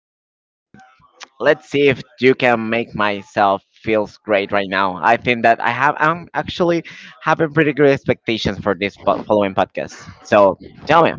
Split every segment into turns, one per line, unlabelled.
I wake up, but let's see if you can make myself feels great right now. I think that I'm actually having pretty good expectations for this following podcast. So tell me,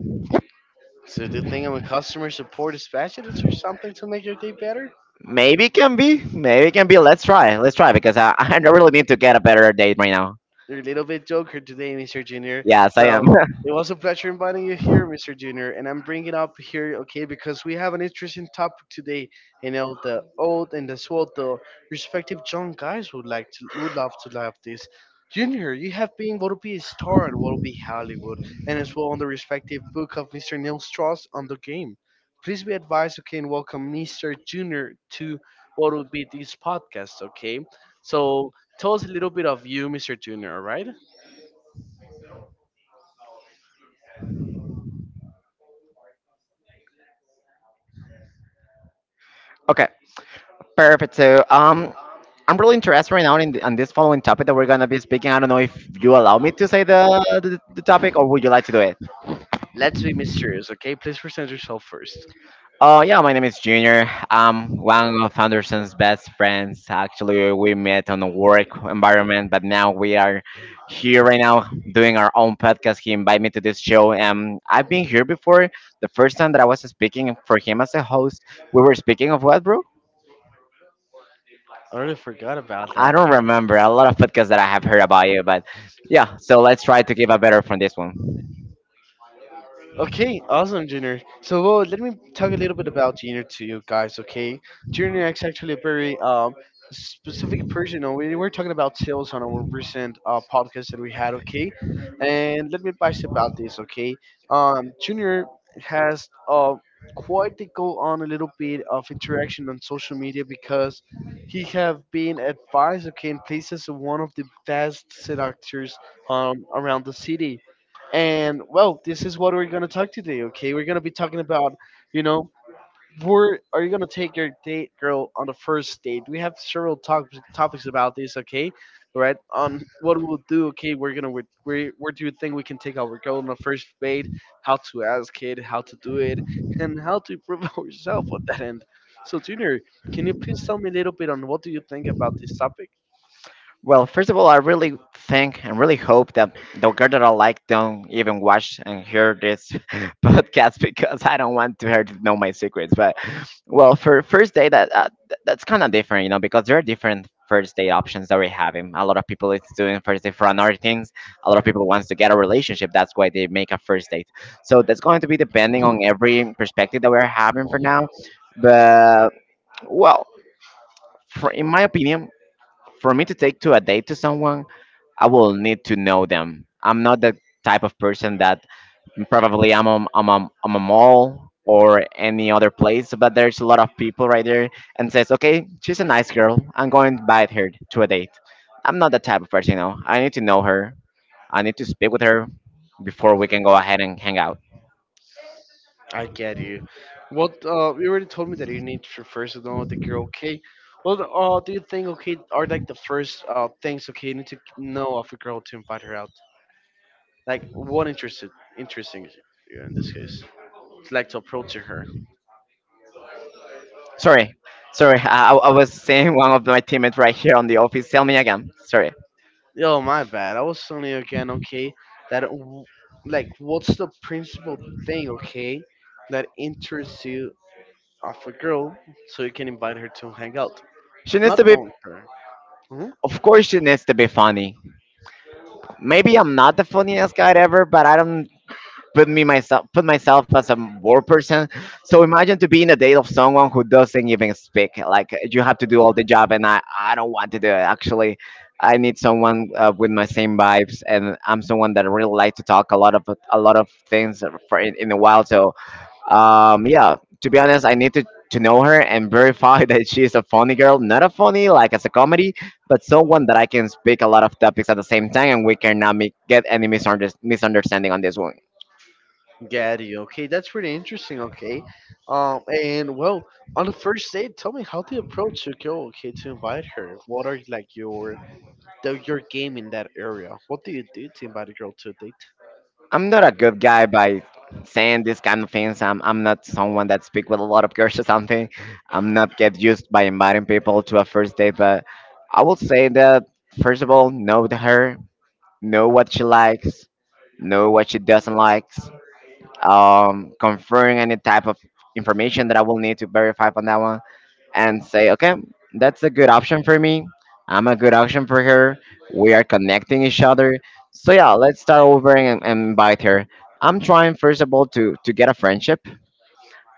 So do you think I'm a customer support specialist or something to make your day better?
maybe it can be, maybe it can be. Let's try because I I really need to get a better date right now.
You're a little bit joker today, Mr. Junior.
Yes, I am.
Well, it was a pleasure inviting you here, Mr. Junior, and I'm bringing up here, okay, because we have an interesting topic today. You know, the old and as well the respective young guys would love to love this. Junior, you have been what would be a star at what would be Hollywood, and as well on the respective book of Mr. Neil Strauss on the game. Please be advised, okay, and welcome Mr. Junior to what would be this podcast, okay? So tell us a little bit of you, Mr. Junior, all right?
Okay, perfect. So, I'm really interested right now in on this following topic that we're gonna be speaking. I don't know if you allow me to say the topic, or would you like to do it?
Let's be mysterious, okay? Please present yourself first.
Oh yeah, my name is Junior. I'm one of Anderson's best friends. Actually, we met on a work environment, but now we are here right now doing our own podcast. He invited me to this show, and I've been here before. The first time that I was speaking for him as a host, we were speaking of what, bro?
I already forgot about
I
that.
don't remember. A lot of podcasts that I have heard about you, but yeah. So let's try to give a better from this one.
Okay, awesome, Junior. So, well, let me talk a little bit about Junior to you guys, okay? Junior is actually a very specific person. We were talking about sales on our recent podcast that we had, okay? And let me advise about this, okay? Junior has quite to go on a little bit of interaction on social media because he have been advised, okay, and places one of the best seductors around the city, and well, this is what we're gonna talk today. Okay, we're gonna be talking about, you know, where are you gonna take your date girl on the first date? We have several topics about this. Okay, right on what we'll do. Okay, we're gonna where do you think we can take our girl on the first date? How to ask it? How to do it? And how to improve ourselves on that end. So, Junior, can you please tell me a little bit on what do you think about this topic?
Well, first of all, I really think and really hope that the girl that I like don't even watch and hear this podcast because I don't want to her to know my secrets. But well, for first date, that that's kind of different, you know, because there are different first date options that we are having. A lot of people is doing first date for another things. A lot of people wants to get a relationship. That's why they make a first date. So that's going to be depending on every perspective that we're having for now. But well, for, in my opinion. For me to take to a date to someone, I will need to know them. I'm not the type of person that probably I'm a mall or any other place, but there's a lot of people right there and says, okay, she's a nice girl. I'm going to invite her to a date. I'm not that type of person, you know. I need to know her. I need to speak with her before we can go ahead and hang out.
I get you. What you already told me that you need to first to know the girl. Okay. Well, do you think okay are like the first things okay you need to know of a girl to invite her out? Like what interested interesting you in this case? It's like to approach to her.
Sorry, sorry. I was saying one of my teammates right here on the office. Tell me again. Sorry.
Yo, my bad. I was suddenly again, okay, that w- like what's the principal thing, okay, that interests you of a girl so you can invite her to hang out?
She needs
Not
to be,
knowing her. Mm-hmm.
of course, she needs to be funny. Maybe I'm not the funniest guy ever, but I don't put myself as a war person. So imagine to be in a date of someone who doesn't even speak. Like you have to do all the job, and I don't want to do it. Actually, I need someone with my same vibes, and I'm someone that really like to talk a lot of things for in a while. So yeah, to be honest, I need to know her and verify that she is a funny girl, not a funny like as a comedy, but someone that I can speak a lot of topics at the same time, and we cannot make, get any misunderstanding on this one.
Gaddy, okay, that's pretty interesting. Okay, and well, on the first date, tell me how the approach to go. Okay, to invite her. What are like your the, your game in that area? What do you do to invite a girl to a date?
I'm not a good guy by saying these kind of things. I'm not someone that speak with a lot of girls or something. I'm not get used by inviting people to a first date, but I will say that first of all, know the her, know what she likes, know what she doesn't like conferring any type of information that I will need to verify on that one and say, okay, that's a good option for me. I'm a good option for her. We are connecting each other. So yeah, let's start over and invite her. I'm trying first of all to get a friendship.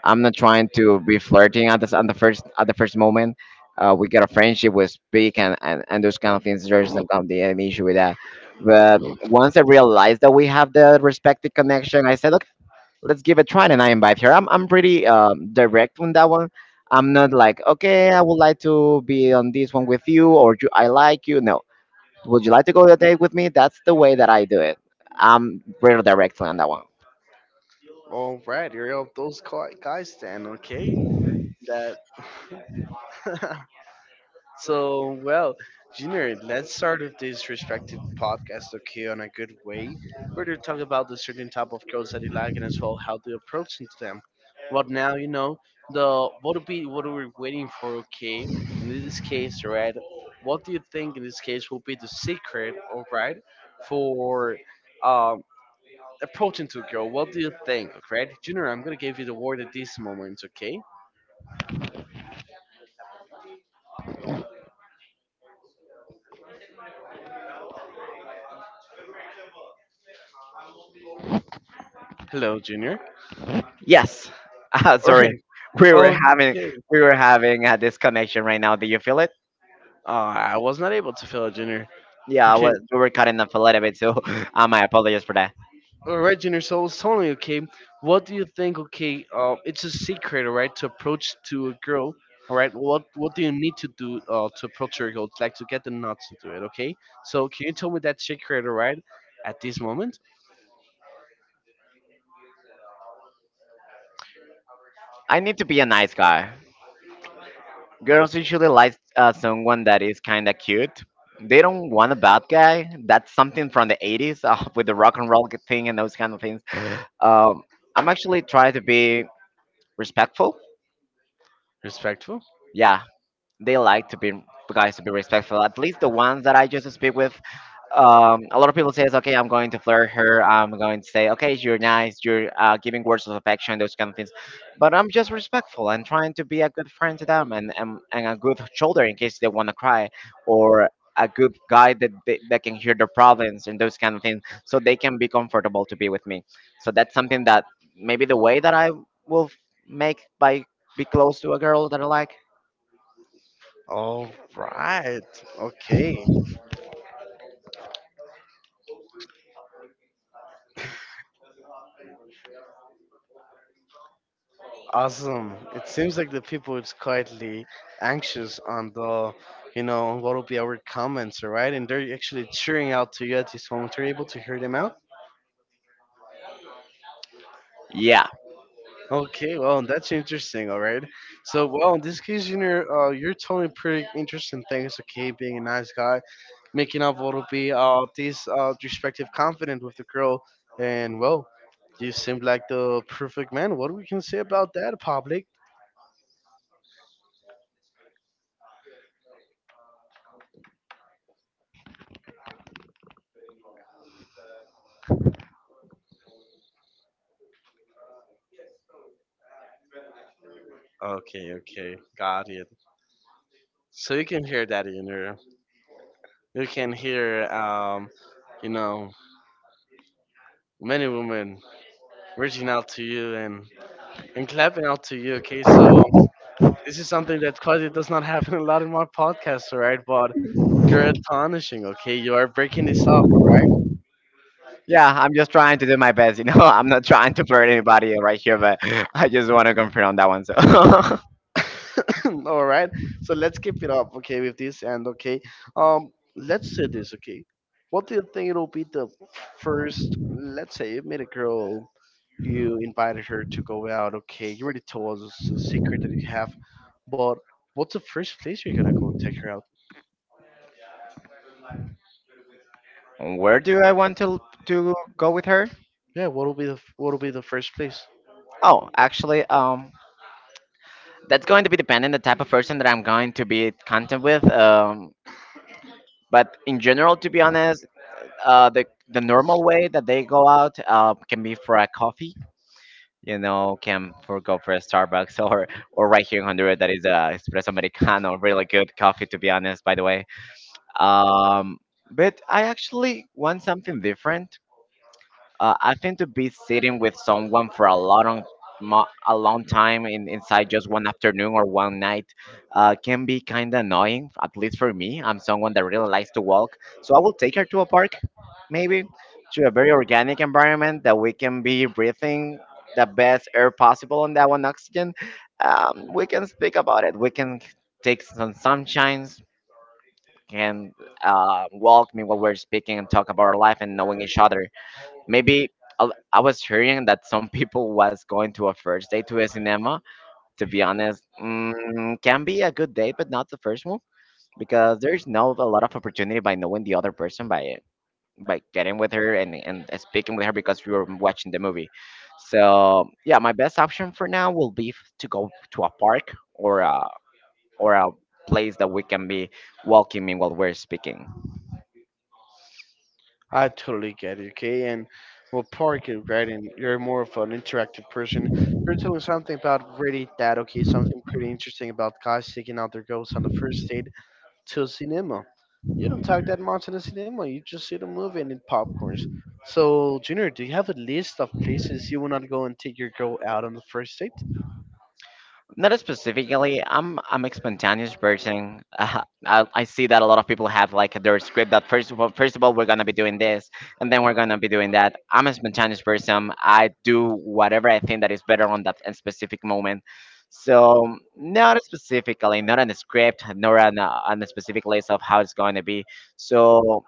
I'm not trying to be flirting at this at the first moment. We get a friendship, we speak and those kind of things. There's no kind of the issue with that. But once I realized that we have the respective connection, I said, let's give it a try and I invite her. I'm pretty direct on that one. I'm not like, okay, I would like to be on this one with you or do I like you. No. Would you like to go on a date with me? That's the way that I do it. I'm pretty direct on that one.
All right, you're of those guys then. Okay, that so, well, Junior, let's start with this respective podcast, okay, on a good way. We're going to talk about the certain type of girls that you like and as well how to approach into them. But now, you know, the what would be what are we waiting for, okay? In this case, right, what do you think in this case will be the secret, all right, for um approaching to a girl? What do you think, right? Junior, I'm gonna give you the word at this moment, okay? Hello, Junior.
Yes.
All
Sorry.
right.
We were having
Okay.
we were having a disconnection right now. Do you feel it?
I was not able to fill out Junior.
Yeah,
Okay,
we were cutting off a little bit, so I apologize for that.
all right, Junior. So I was telling you, okay, what do you think? Okay, it's a secret, all right, to approach to a girl, all right. What do you need to do to approach your girl, like to get the nuts to do it? Okay, so can you tell me that secret, all right, at this moment?
I need to be a nice guy. Girls usually like someone that is kind of cute. They don't want a bad guy. That's something from the 80s with the rock and roll thing and those kind of things. Um, I'm actually trying to be respectful.
Respectful.
Yeah, they like to be guys to be respectful. At least the ones that I just speak with, a lot of people says, okay, I'm going to flirt her. I'm going to say, okay, you're nice. You're giving words of affection, those kind of things. But I'm just respectful and trying to be a good friend to them and a good shoulder in case they want to cry or a good guy that that can hear their problems and those kind of things so they can be comfortable to be with me. So that's something that maybe the way that I will make by be close to a girl that I like.
All right. Okay. Awesome. It seems like the people is quietly anxious on the, you know, what will be our comments, all right? And they're actually cheering out to you at this moment. Are you able to hear them out?
Yeah.
Okay, well, that's interesting, all right? So, well, in this case, Junior, you're telling pretty interesting things, okay? Being a nice guy, making up what will be this respective confident with the girl. And, well, you seem like the perfect man. What we can say about that, public? Okay, okay. Got it. So you can hear that in her. You can hear, you know, many women reaching out to you and clapping out to you. Okay, so this is something that quite does not happen a lot in my podcast, all right? But you're astonishing. Okay, you are breaking this up, all right?
Yeah, I'm just trying to do my best. You know, I'm not trying to flirt anybody right here, but I just want to confirm that one. So,
All right. So let's keep it up, okay, with this and okay. Um, let's say this, okay. What do you think it'll be the first? Let's say you meet a girl. You invited her to go out. Okay, you already told us the secret that you have, but what's the first place you're gonna go and take her out?
where do I want to go with her?
Yeah, what'll be what'll be the first place?
Oh, actually, that's going to be dependent the type of person that I'm going to be content with. But in general, to be honest, the normal way that they go out can be for a coffee. You know, can for go for a Starbucks or right here in Honduras that is a espresso americano, really good coffee. To be honest, by the way. Um, but I actually want something different. I think to be sitting with someone for a long, a long time inside just one afternoon or one night can be kind of annoying, at least for me. I'm someone that really likes to walk. So I will take her to a park, maybe to a very organic environment that we can be breathing the best air possible on that one oxygen. We can speak about it. We can take some sunshines, can walk me while we're speaking and talk about our life and knowing each other. Maybe I was hearing that some people was going to a first date to a cinema. To be honest, mm, can be a good date, but not the first one because there's no a lot of opportunity by knowing the other person by getting with her and speaking with her because we were watching the movie. So yeah, my best option for now will be to go to a park or a place that we can be welcoming while we're speaking.
I totally get it. Okay, and well, park it right. And you're more of an interactive person. You're telling something about really that. Okay, something pretty interesting about guys taking out their girls on the first date to cinema. You don't talk that much in the cinema. You just see the movie and eat popcorns. So, Junior, do you have a list of places you will not go and take your girl out on the first date?
Not specifically. I'm a spontaneous person. I see that a lot of people have like their script that first of all we're gonna be doing this and then we're gonna be doing that. I'm a spontaneous person. I do whatever I think that is better on that specific moment. So not specifically, not on a script, nor on on a specific list of how it's going to be. So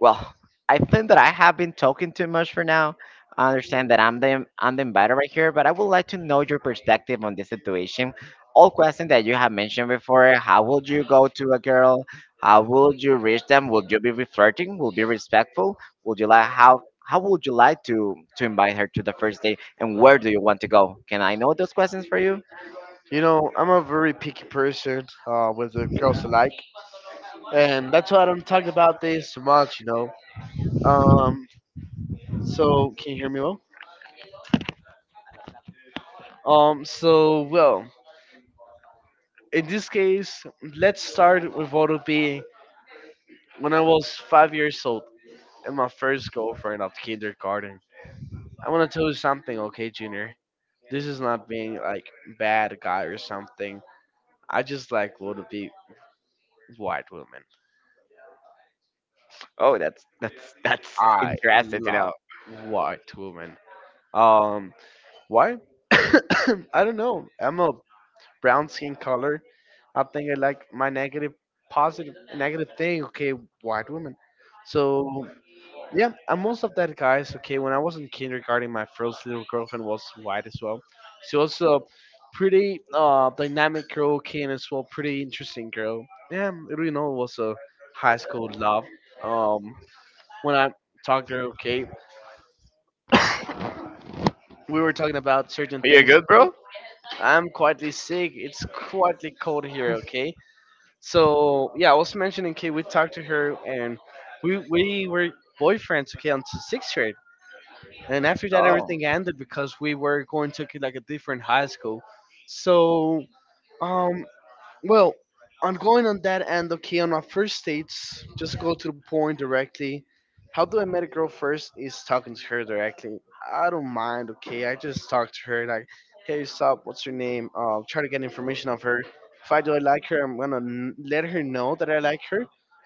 well, I think that I have been talking too much for now. I understand that I'm the inviter right here, but I would like to know your perspective on this situation. All questions that you have mentioned before. How would you go to a girl? How would you reach them? Would you be flirting? Would be respectful? Would you like how would you like to invite her to the first date? And where do you want to go? Can I know those questions for you?
You know, I'm a very picky person with the girls alike, and that's why I don't talk about this so much, you know. Um, so can you hear me well? So well, in this case, let's start with what would be when I was 5 years old and my first girlfriend of kindergarten. I want to tell you something, okay, Junior. This is not being like bad guy or something. I just like want to be white woman.
Oh, that's
I
interesting to know.
love white woman. Um, why? I don't know. I'm a brown skin color. I think I like my negative, positive, negative thing. Okay, white woman. So yeah, and most of that, guys. Okay, when I was in kindergarten, my first little girlfriend was white as well. She was a pretty dynamic girl, okay, and as well pretty interesting girl. Yeah, it you know, was a high school love. Um, when I talked to her, okay, we were talking about certain
Are you
things.
good,
Okay?
bro?
I'm quite sick. It's quite cold here, okay. So yeah, I was mentioning, okay, we talked to her and we were boyfriends, okay, until 6th grade. And after that,
Oh,
everything ended because we were going to like a different high school. So, um, well, on going on that end, okay, on our first dates, just to go to the point directly, how do I met a girl first is talking to her directly. I don't mind, okay, I just talk to her like, hey, stop, what's your name? Try to get information of her. If I do I like her, let her know that I like her,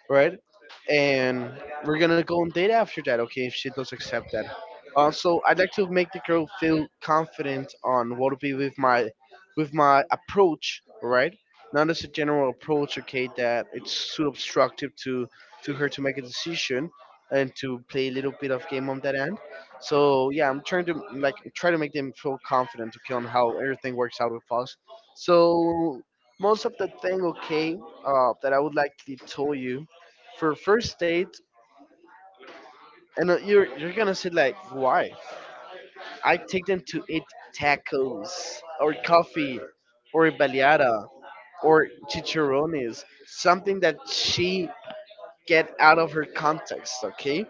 right? And we're gonna go on date after that, okay, if she does accept that. Also, I'd like to make the girl feel confident on what to be with my approach, right? Not as a general approach, okay, that it's too obstructive to her to make a decision, and to play a little bit of game on that end. So yeah, I'm trying to like try to make them feel confident, okay, on how everything works out with us. So most of the thing, okay, that I would like to tell you for first date, and you're gonna say like why I take them to eat tacos or coffee or a baleada or chicharrones, something that she get out of her context, okay?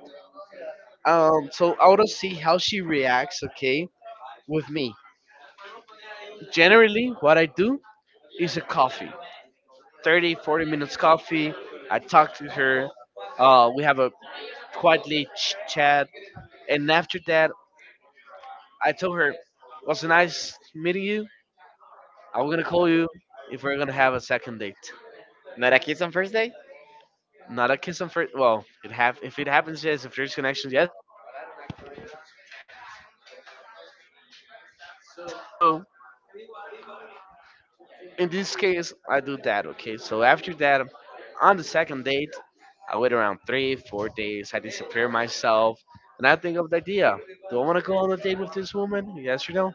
So I want to see how she reacts, okay, with me. Generally, what I do is a coffee, 30, 40 minutes coffee. I talk to her. We have a quietly chat. And after that, I told her, was nice meeting you. I'm going to call you if we're going to have a second date.
not a kiss on first date?
Not a kiss on first. Well, it have if it happens, yes. If there's connections, yes. But I don't like to be too spontaneous. So in this case, I do that. Okay. So after that, on the second date, I wait around 3, 4 days. I disappear myself, and I think of the idea: do I want to go on a date with this woman? Yes or no?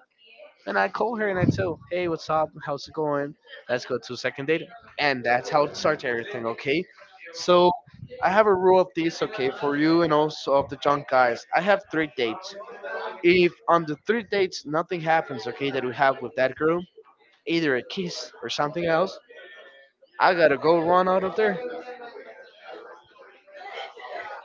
And I call her and I tell, hey, what's up? How's it going? Let's go to second date. And that's how it starts everything, okay? So I have a rule of this, okay, for you and also of the junk guys. I have three dates. If on the three dates nothing happens, okay, that we have with that girl, either a kiss or something else, I gotta go run out of there,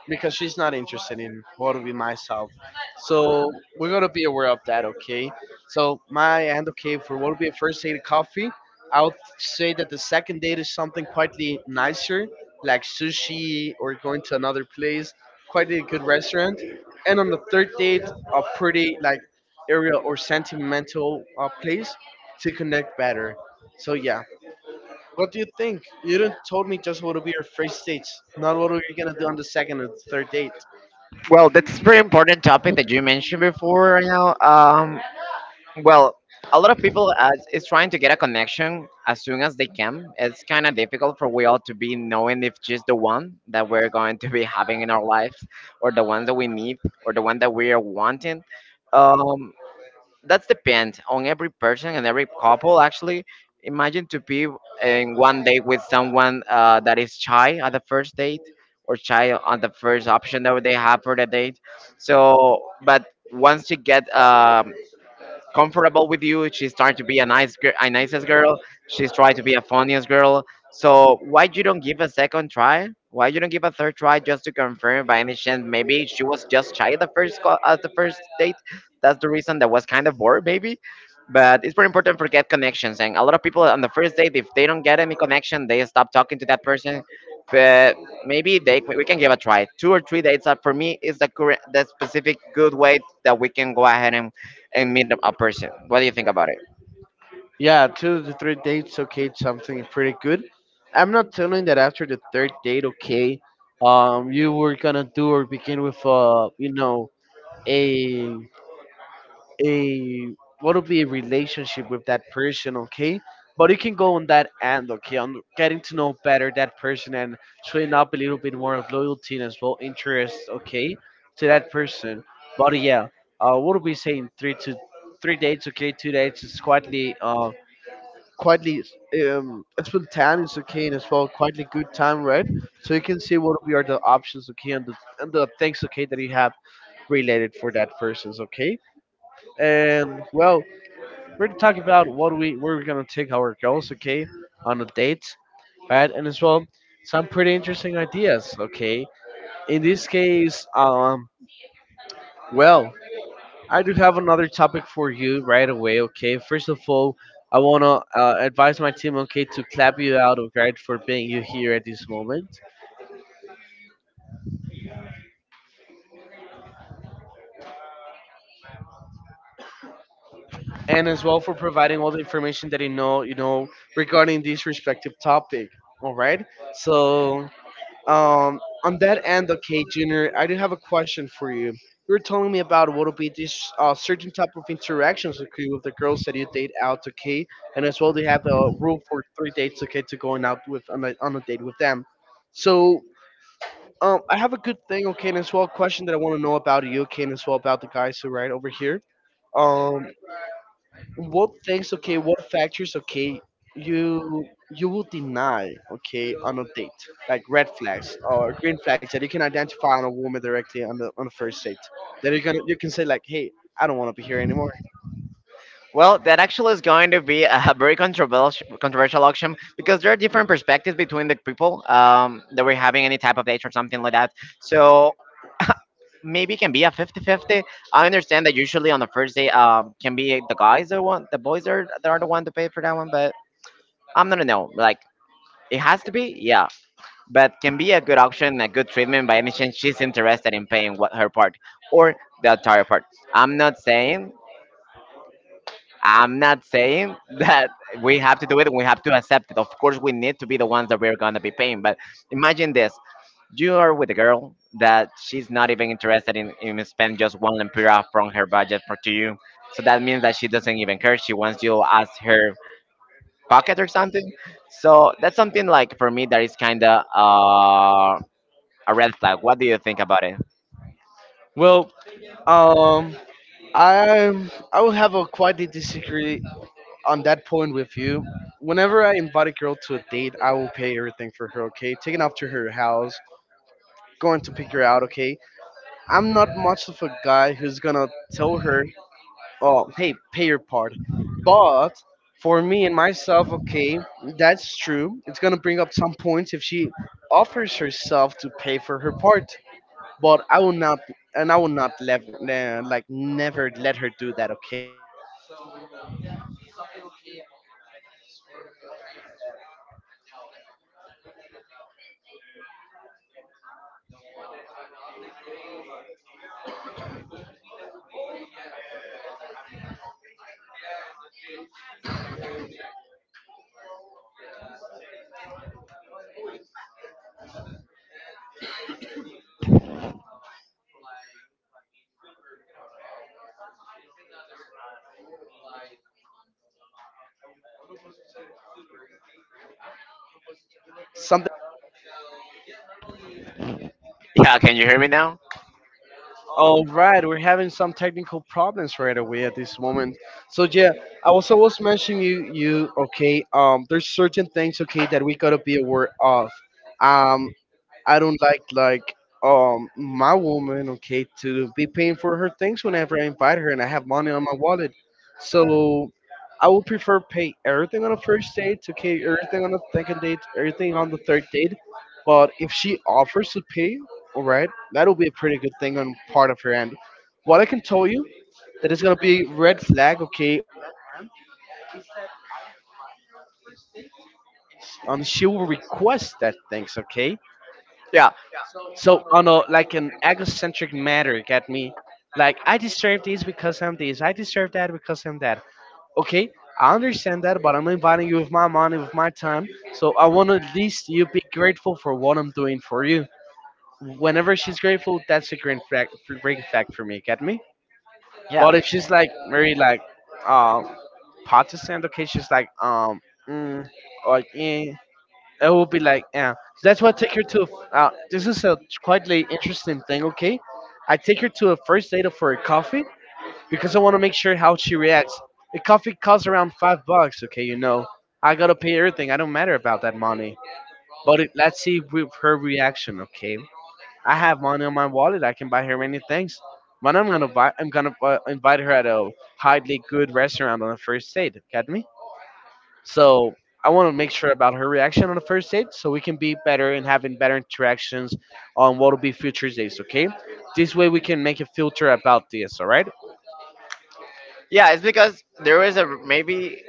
because she's not interested in what would be myself. So we're gonna be aware of that, okay? So my and okay for what would be a first date coffee, I would say that the second date is something quietly nicer, like sushi or going to another place, quite a good restaurant. And on the third date, a pretty like area or sentimental place to connect better. So yeah, what do you think? You didn't told me just what will be your first dates, not what are you gonna do on the second or the third date.
Well, that's a very important topic that you mentioned before. You know, well, a lot of people is trying to get a connection as soon as they can. It's kind of difficult for we all to be knowing if she's the one that we're going to be having in our lives, or the one that we need, or the one that we are wanting. Um, that's depend on every person and every couple actually imagine to be in one date with someone that is shy at the first date or shy on the first option that they have for the date so but once you get comfortable with you. She's trying to be a nice, a nicest girl. She's trying to be a funniest girl. So why you don't give a second try? Why you don't give a third try just to confirm? By any chance, maybe she was just shy the first call at the first date. That's the reason that was kind of bored, maybe. But it's very important for get connections. And a lot of people on the first date, if they don't get any connection, they stop talking to that person. But maybe they we can give a try. Two or three dates up for me is the correct, the specific good way that we can go ahead and meet up a person. What do you think about it?
Yeah, two to three dates, okay, it's something pretty good. I'm not telling that after the third date, okay, you were gonna do or begin with, a a what would be a relationship with that person, okay, but you can go on that end, okay, on getting to know better that person and showing up a little bit more of loyalty and as well interest, okay, to that person. But yeah, uh, what are we saying? Three dates, okay, two dates is quietly spontaneous, okay, and as well quietly good time, right? So you can see what we are the options, okay, and the, and the things, okay, that you have related for that person's, okay. And well, we're to talk about what we where we're gonna take our girls, okay, on a date, right? And as well, some pretty interesting ideas, okay. In this case, well, I do have another topic for you right away, okay. First of all, I wanna advise my team, okay, to clap you out, okay, for being you here at this moment, and as well for providing all the information that you know, regarding this respective topic. All right. So, on that end, okay, Junior, I do have a question for you. You were telling me about what will be this certain type of interactions, okay, with the girls that you date out, okay, and as well they have a rule for three dates, okay, to going out with on a date with them. So, I have a good thing, okay, and as well a question that I want to know about you, okay, and as well about the guys who are right over here. Um, what things, okay, what factors, okay, you you will deny, okay, on a date, like red flags or green flags, that you can identify on a woman directly on the first date, that you can say like, hey, I don't want to be here anymore.
Well, that actually is going to be a very controversial auction because there are different perspectives between the people that we're having any type of date or something like that. So maybe it can be a 50-50. I understand that usually on the first day can be the guys that want the boys are that are the one to pay for that one, but I'm gonna know like. It has to be, yeah, but can be a good auction, a good treatment by any chance she's interested in paying what her part or the entire part. I'm not saying I'm not saying that we have to do it and we have to accept it. Of course, we need to be the ones that we're going to be paying. But imagine this, you are with a girl that she's not even interested in spending just one lempira from her budget for to you. So that means that she doesn't even care. She wants you as her pocket or something. So that's something like for me that is kind of a red flag. What do you think about it?
Well, um I will have a quite a disagree on that point with you. Whenever I invite a girl to a date, I will pay everything for her, okay, taking off to her house, going to pick her out, okay. I'm not much of a guy who's gonna tell her, oh, hey, pay your part. But for me and myself, okay, that's true, it's gonna bring up some points if she offers herself to pay for her part. But I will not, and I will not let like never let her do that, okay. So something, okay, that I cannot disagree with you, okay, is that
Yeah, can you hear me now?
all right, we're having some technical problems right away at this moment. So yeah, I also was mentioning you, okay. There's certain things, okay, that we gotta be aware of. Um, I don't like my woman, okay, to be paying for her things whenever I invite her and I have money on my wallet. So I would prefer pay everything on the first date, okay, everything on the second date, everything on the third date. But if she offers to pay, all right, that'll be a pretty good thing on part of her end. What I can tell you that is gonna be red flag, okay, on that end is that I invite her on the first date and she will request that things, okay?
Yeah,
So on a like an egocentric matter, get me? Like I deserve this because I'm this. I deserve that because I'm that. Okay, I understand that, but I'm inviting you with my money, with my time. So I want at least you be grateful for what I'm doing for you. Whenever she's grateful, that's a great fact for me. Get me?
yeah.
But if she's like very like, uh, Protestant, okay, she's like mm, like It will be like, yeah. So that's why I take her to. This is a quite like, interesting thing. Okay, I take her to a first date for a coffee because I want to make sure how she reacts. The coffee costs around $5. Okay, you know, I gotta pay everything. I don't matter about that money. But it, let's see with her reaction. Okay, I have money on my wallet. I can buy her many things. But I'm gonna buy. I'm gonna invite her at a highly good restaurant on the first date. Get me? So I want to make sure about her reaction on the first date so we can be better and having better interactions on what will be future dates, okay? This way we can make a filter about this, all right?
Yeah, it's because there is a maybe.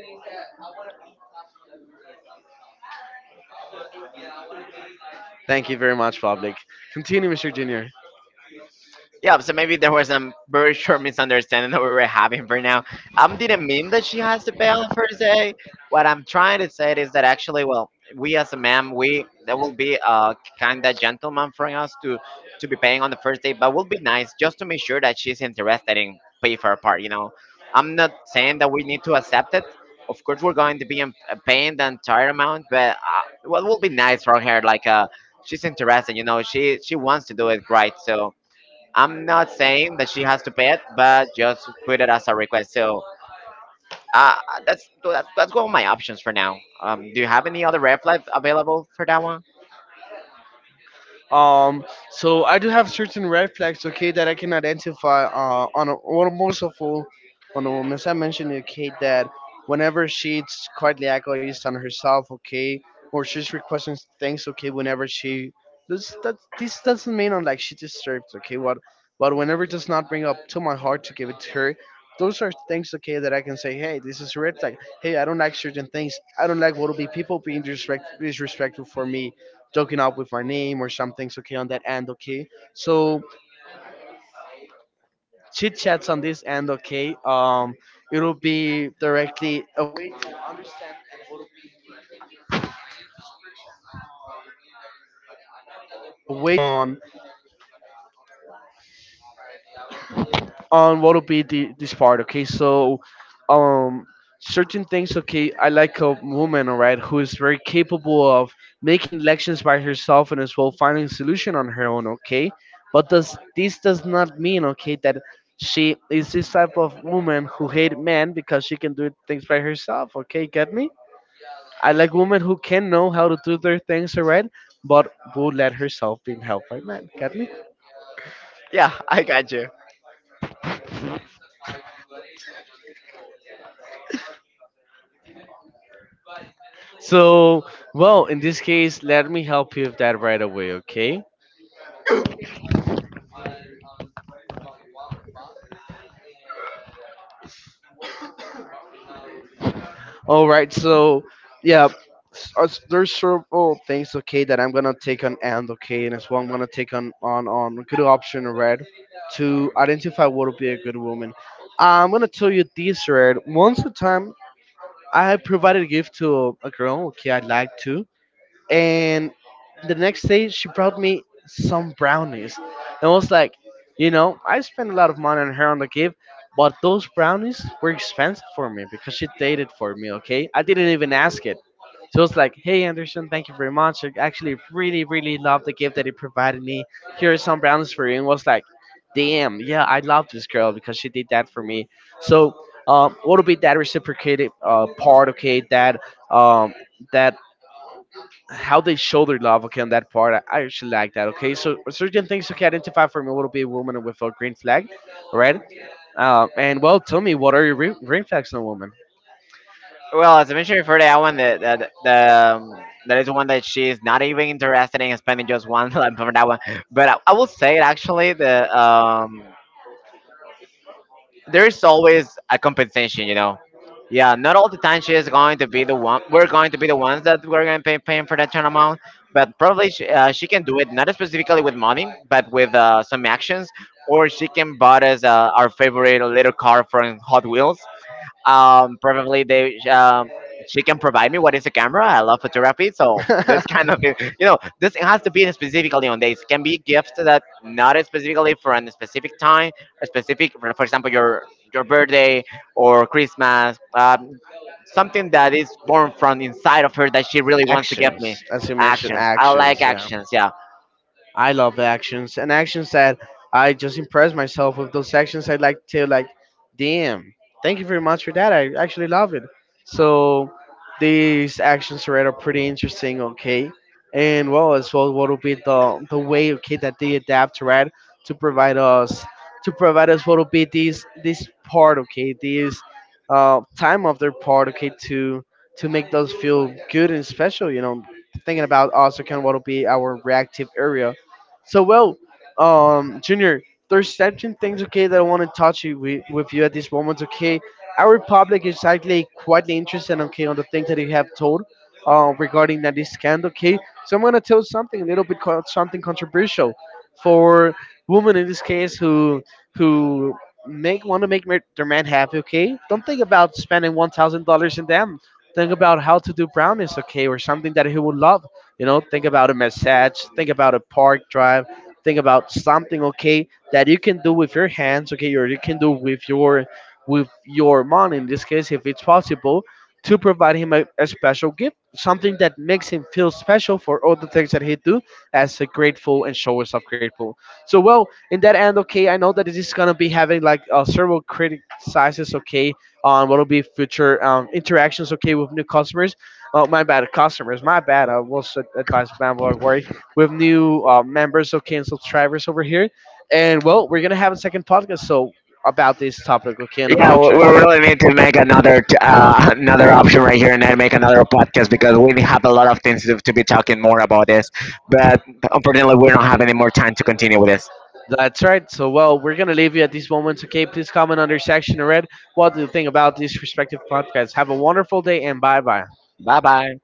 Thank you very much, Public. Continue, Mr. Junior.
Yeah, so maybe there was some very short misunderstanding that we were having for now. Didn't mean that she has to pay on the first day. What I'm trying to say is that actually, well, we as a ma'am, we that will be a kind of gentleman for us to be paying on the first day, but will be nice just to make sure that she's interested in pay for her part. You know, I'm not saying that we need to accept it. Of course, we're going to be in, paying the entire amount, but what will be nice for her, like she's interested. You know, she wants to do it right, so I'm not saying that she has to pay it, but just put it as a request. So uh, that's one of my options for now. Do you have any other red flags available for that one?
Um, so I do have certain red flags, okay, that I can identify on most of all on a woman. As I mentioned, okay, that whenever she's quietly agonized on herself, okay, or she's requesting things, okay, whenever she this, that this doesn't mean on like she deserves, okay, what, but whenever it does not bring up to my heart to give it to her, those are things, okay, that I can say, hey, this is a red flag. Hey, I don't like certain things. I don't like what will be people being disrespectful for me, joking up with my name or something's, okay, on that end, okay. So chit chats on this end, okay, it'll be directly a way to understand and what will be new people and new dispersion on what will be this part, okay. So, um certain things, okay, I like a woman, all right, who is very capable of making elections by herself and as well finding solution on her own, okay. But does this does not mean, okay, that she is this type of woman who hate men because she can do things by herself, okay. Get me? I like women who can know how to do their things, all right, but who let herself be helped by men. Get me?
Yeah, I got you.
So, well, in this case, let me help you with that right away, okay? All right, so yeah, there's several things, okay, that I'm gonna take on and okay, and as well, I'm gonna take on on a good option red to identify what would be a good woman. I'm gonna tell you this red. Once a time, I provided a gift to a girl, okay, I like to. And the next day she brought me some brownies, and I was like, you know, I spent a lot of money on her on the gift, but those brownies were expensive for me because she did it for me, okay. I didn't even ask it. So I was like, hey, Anderson, thank you very much, I actually really really love the gift that you provided me, here are some brownies for you. And was like, damn, yeah, I love this girl because she did that for me. So, what would be that reciprocated part, okay, that, um, that how they show their love. Okay, on that part, I actually like that. Okay, so certain things, okay, identify for me what would be a woman with a green flag, all right? And well, tell me what are your green flags in a woman?
Well, as I mentioned before, that one that that the that is one that she's not even interested in spending just one lamp for that one. But I will say it actually the there's always a compensation, you know. Yeah, not all the time she is going to be the one. We're going to be the ones that we're going to paying for that kind of amount, but probably she can do it not specifically with money, but with some actions, or she can buy us our favorite little car from Hot Wheels, probably they she can provide me what is a camera. I love photography, so this kind of you know this has to be specifically on days. Can be gifts that not specifically for a specific time, a specific for example your birthday or Christmas. Something that is born from inside of her that she really wants to give me.
actions, as you mentioned,
Actions. I like
actions. Yeah.
actions. Yeah.
I love actions and actions that I just impress myself with those actions. I like to like, damn, thank you very much for that. I actually love it. So these actions are pretty interesting. Okay, and well as well, what will be the way, okay, that they adapt right to provide us to provide us what will be this part, okay, this time of their part, okay, to make those feel good and special. You know, thinking about also kind of what will be our reactive area. So, well, Junior, there's certain things, okay, that I want to touch you with you at this moment. Okay, our public is actually quite interested. Okay, on the things that you have told, regarding that this scandal. Okay, so I'm gonna tell something a little bit something controversial for women in this case who, who make want to make their man happy. Okay, don't think about spending $1,000 in them. Think about how to do brownies, okay, or something that he would love. You know, think about a massage, think about a park drive, think about something, okay, that you can do with your hands, okay, or you can do with your mom in this case, if it's possible, to provide him a, special gift, something that makes him feel special for all the things that he do as a grateful and show us of grateful. So well, in that end, okay, I know that this is gonna be having like several criticizes, okay, on what will be future interactions, okay, with new customers. Oh, my bad. Customers, my bad. I was advised by Blog Worry. We have new members, okay, and subscribers over here. And, well, we're going to have a second podcast so about this topic, okay, in the
Yeah,
future.
we really need to make another another option right here, and then make another podcast because we have a lot of things to be talking more about this. But unfortunately, we don't have any more time to continue with this.
That's right. So, well, we're going to leave you at these moments, okay? Please comment under section in red what do you think about these respective podcasts. Have a wonderful day and bye bye.
Bye bye.